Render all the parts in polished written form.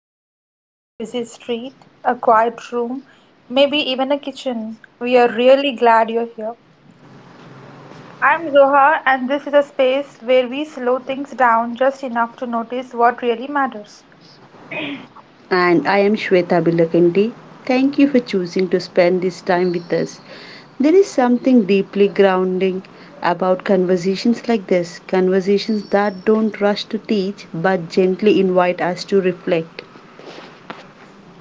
Balcony, a busy street, a quiet room, maybe even a kitchen we are really glad you're here. I'm Zoha, and this is a space where we slow things down just enough to notice what really matters. And I am Shweta Bilakandi. Thank you for choosing to spend this time with us. There is something deeply grounding about conversations like this, conversations that don't rush to teach but gently invite us to reflect.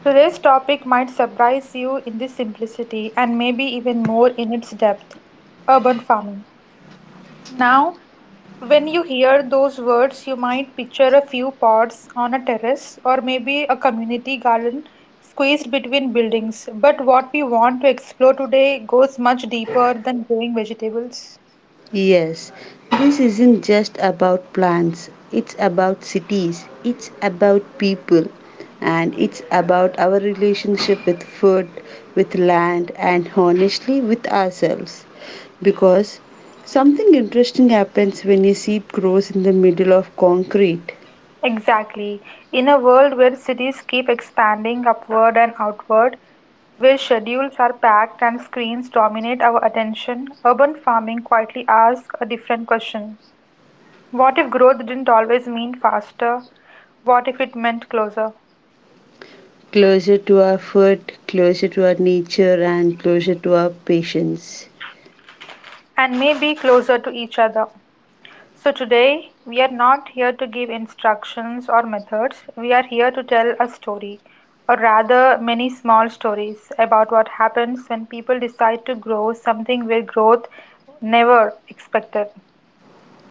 Today's topic might surprise you in this simplicity and maybe even more in its depth urban farming. Now, when you hear those words, you might picture a few pods on a terrace or maybe a community garden squeezed between buildings. But what we want to explore today goes much deeper than growing vegetables. Yes, this isn't just about plants, it's about cities, it's about people, and it's about our relationship with food, with land, and honestly with ourselves. Because something interesting happens when a seed grows in the middle of concrete, Exactly. In a world where cities keep expanding upward and outward, where schedules are packed and screens dominate our attention, urban farming quietly asks a different question. What if growth didn't always mean faster? What if it meant closer? closer to our food, closer to our nature, and closer to our patience. And maybe closer to each other. So, today we are not here to give instructions or methods. We are here to tell a story, or rather, many small stories about what happens when people decide to grow something where growth never expected.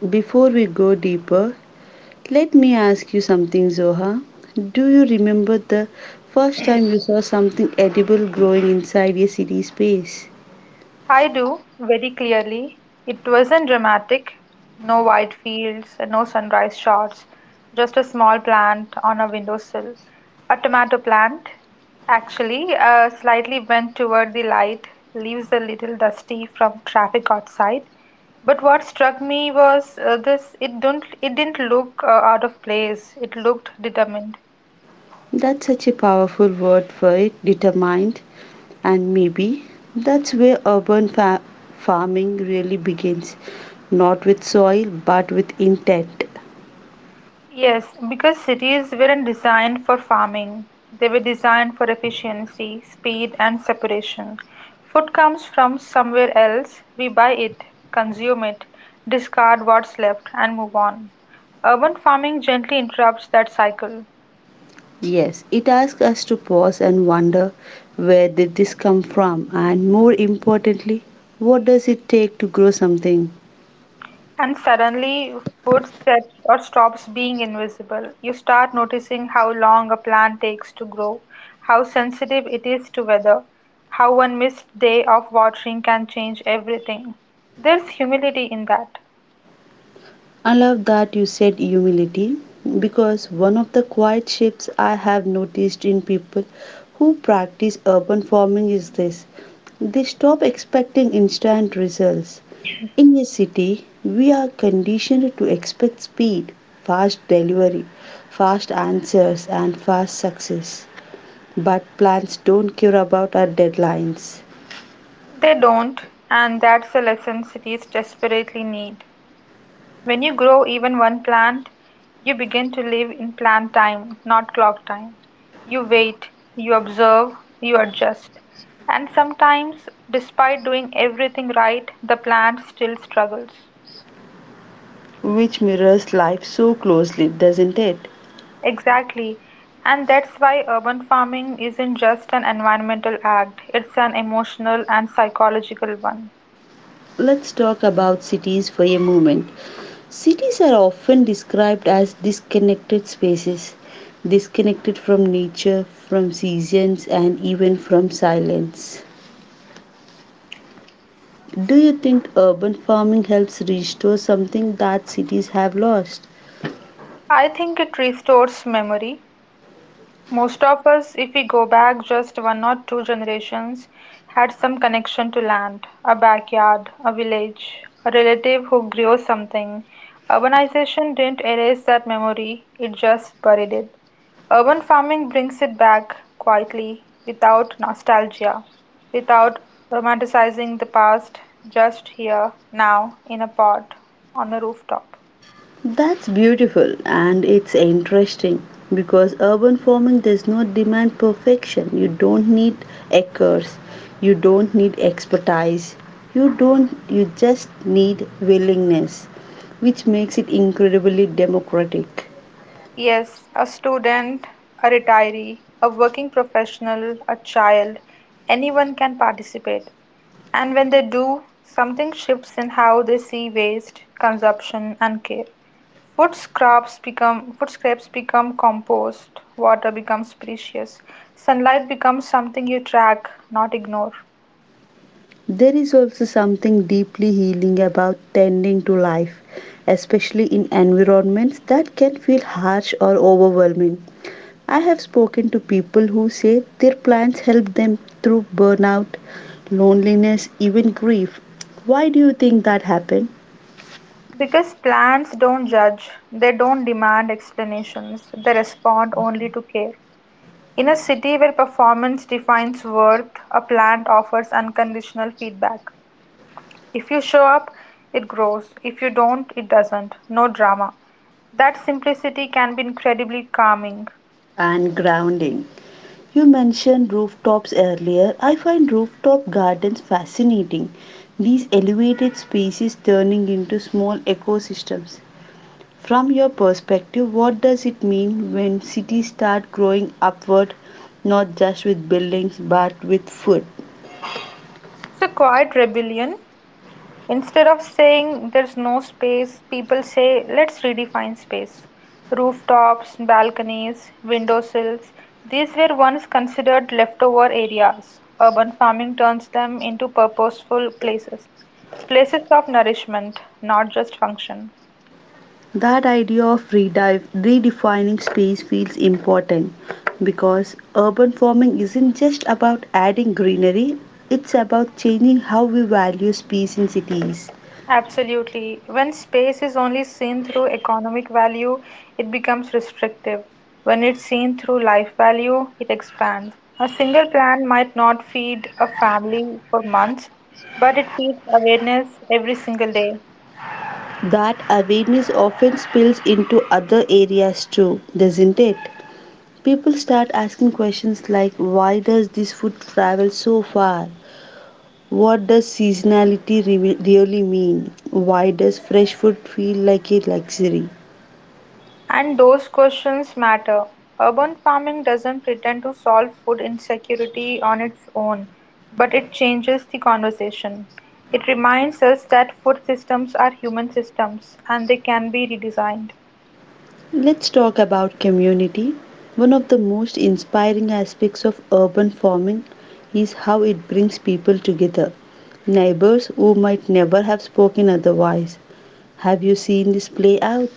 Before we go deeper, let me ask you something, Zoha. Do you remember the first time you saw something edible growing inside a city space? I do, very clearly. It wasn't dramatic. No wide fields, and no sunrise shots, just a small plant on a windowsill. A tomato plant, actually, slightly bent toward the light, leaves a little dusty from traffic outside. But what struck me was this: it didn't look out of place. It looked determined. That's such a powerful word for it, determined. And maybe that's where urban farming really begins, not with soil but with intent. Yes, because cities weren't designed for farming, they were designed for efficiency, speed, and separation. Food comes from somewhere else, we buy it, consume it, discard what's left, and move on. Urban farming gently interrupts that cycle. Yes, it asks us to pause and wonder, where did this come from, and more importantly, what does it take to grow something? And suddenly, footsteps or stops being invisible. You start noticing how long a plant takes to grow, how sensitive it is to weather, how one missed day of watering can change everything. There's humility in that. I love that you said humility, because one of the quiet shifts I have noticed in people who practice urban farming is this: they stop expecting instant results. In a city, we are conditioned to expect speed, fast delivery, fast answers, and fast success. But plants don't care about our deadlines, They don't, and that's a lesson cities desperately need. When you grow even one plant, you begin to live in plant time, not clock time. You wait, you observe, you adjust. And sometimes, despite doing everything right, the plant still struggles. which mirrors life so closely, doesn't it? Exactly. And that's why urban farming isn't just an environmental act, it's an emotional and psychological one. Let's talk about cities for a moment. Cities are often described as disconnected spaces, disconnected from nature, from seasons, and even from silence. Do you think urban farming helps restore something that cities have lost? I think it restores memory. Most of us, if we go back just one or two generations, had some connection to land, a backyard, a village, a relative who grew something. Urbanization didn't erase that memory, it just buried it. Urban farming brings it back quietly, without nostalgia, without romanticizing the past, just here, now, in a pot, on a rooftop. That's beautiful, and it's interesting because urban farming does not demand perfection. You don't need acres, you don't need expertise, you don't you just need willingness, which makes it incredibly democratic. Yes, a student, a retiree, a working professional, a child, anyone can participate. And when they do, something shifts in how they see waste, consumption, and care. Food scraps become compost, water becomes precious, sunlight becomes something you track, not ignore. There is also something deeply healing about tending to life, especially in environments that can feel harsh or overwhelming. I have spoken to people who say their plants help them through burnout, loneliness, even grief. Why do you think that happened? Because plants don't judge, they don't demand explanations, they respond only to care. In a city where performance defines worth, a plant offers unconditional feedback. If you show up, it grows. If you don't, it doesn't. No drama. That simplicity can be incredibly calming. And grounding. You mentioned rooftops earlier. I find rooftop gardens fascinating. These elevated spaces turning into small ecosystems. From your perspective, what does it mean when cities start growing upward, not just with buildings but with food? It's a quiet rebellion. Instead of saying there's no space, people say let's redefine space. Rooftops, balconies, windowsills, these were once considered leftover areas. Urban farming turns them into purposeful places. Places of nourishment, not just function. That idea of redefining space feels important, because urban farming isn't just about adding greenery, it's about changing how we value space in cities. Absolutely. When space is only seen through economic value, it becomes restrictive. When it's seen through life value, it expands. A single plant might not feed a family for months, but it feeds awareness every single day. That awareness often spills into other areas too, doesn't it? People start asking questions like, why does this food travel so far? What does seasonality really mean? Why does fresh food feel like a luxury? And those questions matter. Urban farming doesn't pretend to solve food insecurity on its own, but it changes the conversation. It reminds us that food systems are human systems and they can be redesigned. Let's talk about community. One of the most inspiring aspects of urban farming is how it brings people together. Neighbors who might never have spoken otherwise. Have you seen this play out?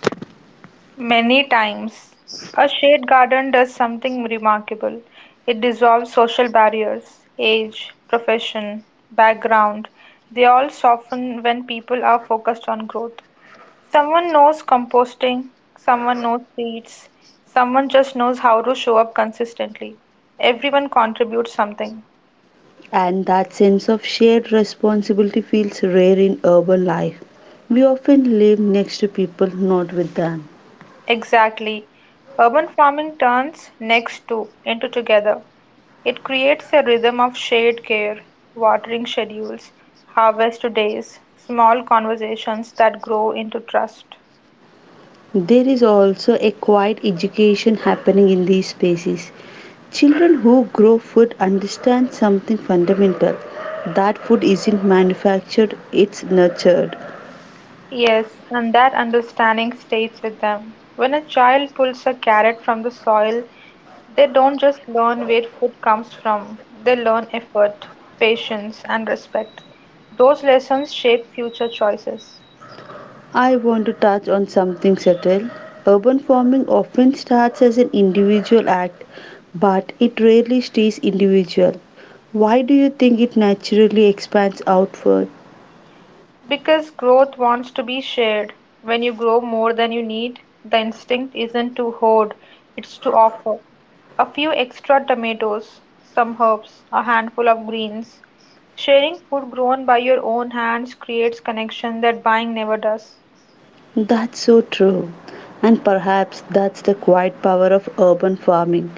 Many times, a shade garden does something remarkable. It dissolves social barriers, age, profession, background. They all soften when people are focused on growth. Someone knows composting, someone knows seeds, someone just knows how to show up consistently. Everyone contributes something. And that sense of shared responsibility feels rare in urban life. We often live next to people, not with them. Exactly. Urban farming turns next to into together. It creates a rhythm of shared care, watering schedules, harvest days, small conversations that grow into trust. There is also a quiet education happening in these spaces. Children who grow food understand something fundamental, that food isn't manufactured, it's nurtured. Yes, and that understanding stays with them. When a child pulls a carrot from the soil, they don't just learn where food comes from, they learn effort, patience, and respect. Those lessons shape future choices. I want to touch on something subtle. Urban farming often starts as an individual act, but it rarely stays individual. Why do you think it naturally expands outward? Because growth wants to be shared. When you grow more than you need, the instinct isn't to hoard, it's to offer. A few extra tomatoes, some herbs, a handful of greens. Sharing food grown by your own hands creates connection that buying never does. That's so true. And perhaps that's the quiet power of urban farming.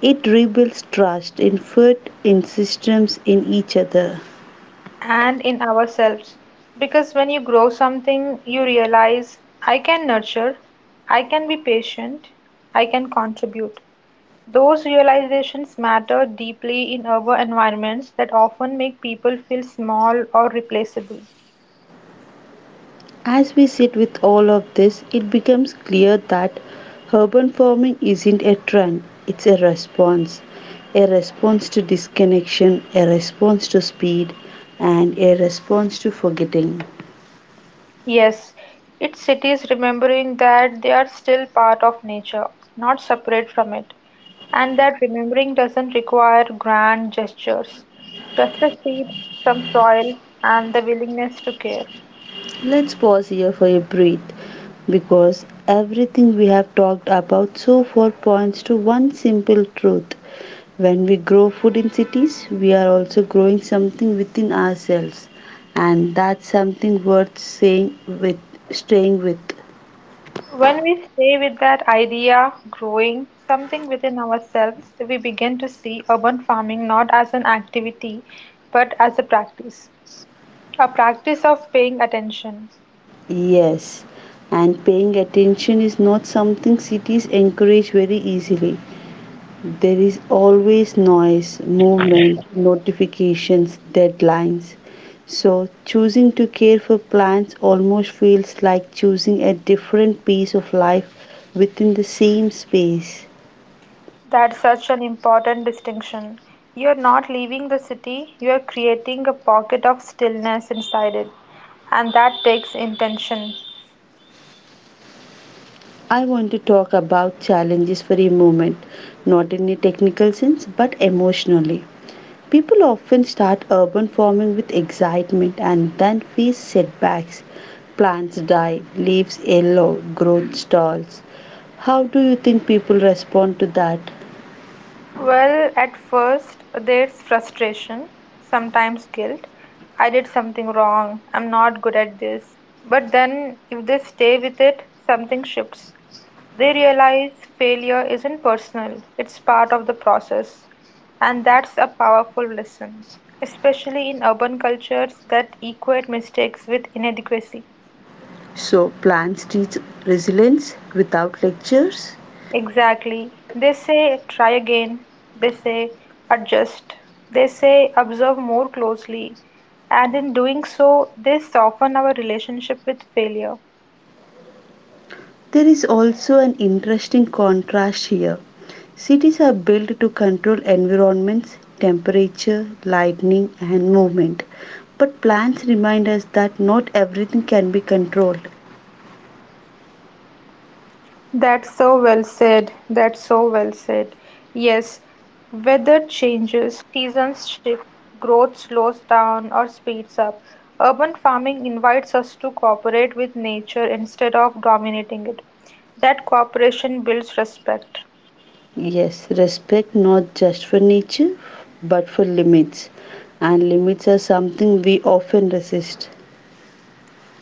It rebuilds trust in food, in systems, in each other. And in ourselves. Because when you grow something, you realize I can nurture, I can be patient, I can contribute. Those realizations matter deeply in our environments that often make people feel small or replaceable. As we sit with all of this, it becomes clear that urban farming isn't a trend, it's a response. A response to disconnection, a response to speed, and a response to forgetting. Yes, it's cities remembering that they are still part of nature, not separate from it, and that remembering doesn't require grand gestures, just a seed, some soil, and the willingness to care. Let's pause here for a breath, because everything we have talked about so far points to one simple truth. When we grow food in cities, we are also growing something within ourselves, and that's something worth saying with staying with. When we stay with that idea growing something within ourselves, we begin to see urban farming not as an activity but as a practice of paying attention. Yes, and paying attention is not something cities encourage very easily. There is always noise, movement, notifications, deadlines. So, choosing to care for plants almost feels like choosing a different piece of life within the same space. That's such an important distinction. You're not leaving the city, you're creating a pocket of stillness inside it, and that takes intention. I want to talk about challenges for a moment, not in a technical sense but emotionally. People often start urban farming with excitement and then face setbacks. Plants die, leaves yellow, growth stalls. How do you think people respond to that? Well, at first, there's frustration, sometimes guilt. I did something wrong. I'm not good at this. But then, if they stay with it, something shifts. They realize failure isn't personal, it's part of the process. And that's a powerful lesson, especially in urban cultures that equate mistakes with inadequacy. So plants teach resilience without lectures. Exactly. They say try again, they say adjust, they say observe more closely, and in doing so, they soften our relationship with failure. There is also an interesting contrast here. Cities are built to control environments, temperature, lightning, and movement. But plants remind us that not everything can be controlled. Heats up. Urban farming invites us to cooperate with nature instead of dominating it. That cooperation builds respect. Yes, respect not just for nature, but for limits. And limits are something we often resist.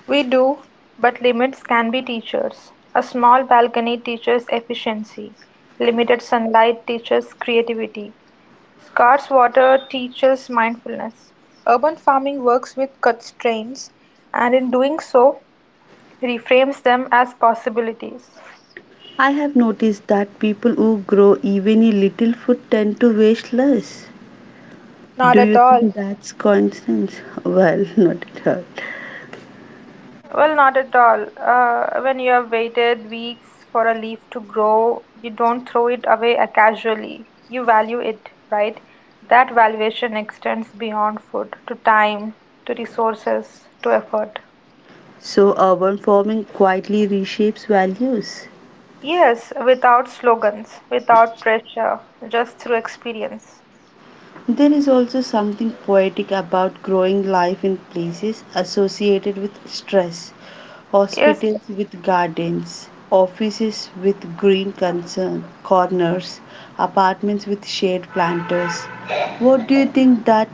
We do, but limits can be teachers. A small balcony teaches efficiency. Limited sunlight teaches creativity. Scarce water teaches mindfulness. Urban farming works with constraints and in doing so reframes them as possibilities. I have noticed that people who grow even a little food tend to waste less. Not Do at you all. think that's coincidence? Well, not at all. Well, not at all. When you have waited weeks for a leaf to grow, you don't throw it away casually. You value it, right? That valuation extends beyond food to time, to resources, to effort. So urban farming quietly reshapes values. Yes, without slogans, without pressure, just through experience. There is also something poetic about growing life in places associated with stress, Yes, hospitals with gardens, offices with green concern, corners, apartments with shade planters. What do you think that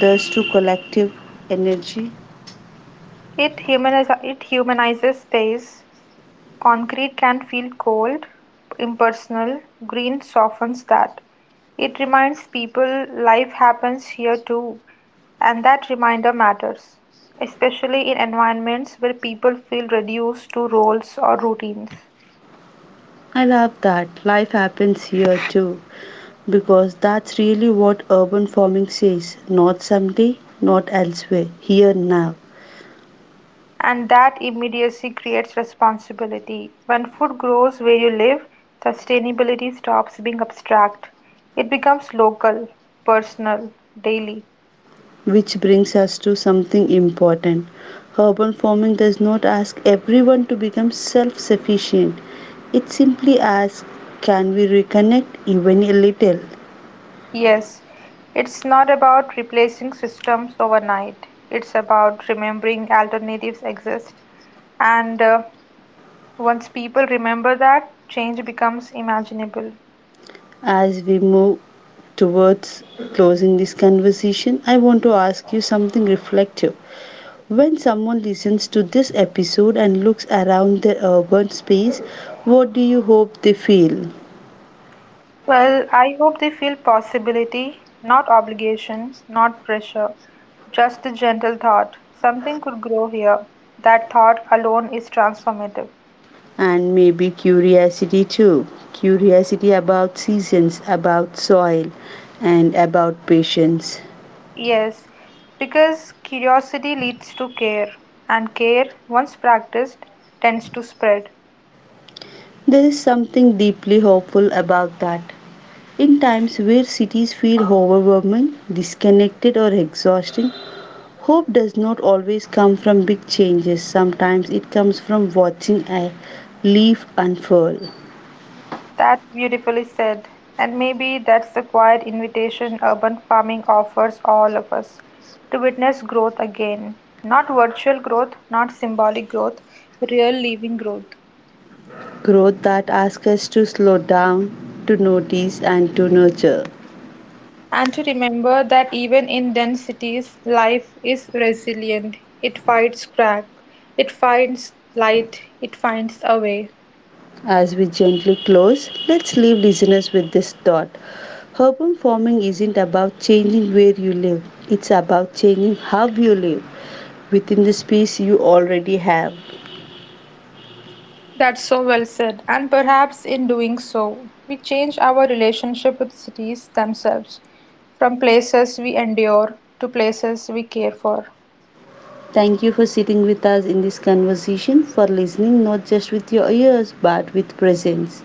does to collective energy? It humanizes space. Concrete can feel cold, impersonal; green softens that. It reminds people life happens here too, and that reminder matters, especially in environments where people feel reduced to roles or routines. I love that, life happens here too, because that's really what urban farming says, not someday, not elsewhere, here now. And that immediacy creates responsibility. When food grows where you live, sustainability stops being abstract. It becomes local, personal, daily. Which brings us to something important. Urban farming does not ask everyone to become self sufficient, it simply asks, can we reconnect even a little? Yes, it's not about replacing systems overnight. It's about remembering alternatives exist. And once people remember that, change becomes imaginable. As we move towards closing this conversation, I want to ask you something reflective. When someone listens to this episode and looks around their urban space, what do you hope they feel? Well, I hope they feel possibility, not obligation, not pressure, just a gentle thought. Something could grow here. That thought alone is transformative. And maybe curiosity too. Curiosity about seasons, about soil, and about patience. Yes, because curiosity leads to care, and care, once practiced, tends to spread. There is something deeply hopeful about that. In times where cities feel overwhelming, disconnected, or exhausting, hope does not always come from big changes. Sometimes it comes from watching a leaf unfurl. That beautifully said. And maybe that's the quiet invitation urban farming offers all of us to witness growth again. Not virtual growth, not symbolic growth, real living growth. Growth that asks us to slow down, to notice, and to nurture. And to remember that even in dense cities, life is resilient. It fights crack, it finds light, it finds a way. As we gently close, let's leave listeners with this thought. Urban farming isn't about changing where you live, it's about changing how you live within the space you already have. That's so well said. And perhaps in doing so, we change our relationship with cities themselves, from places we endure to places we care for. Thank you for sitting with us in this conversation, for listening not just with your ears but with presence.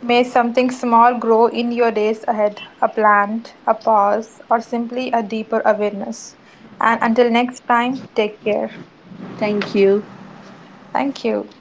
May something small grow in your days ahead, a plant, a pause, or simply a deeper awareness. And until next time, take care. Thank you. Thank you.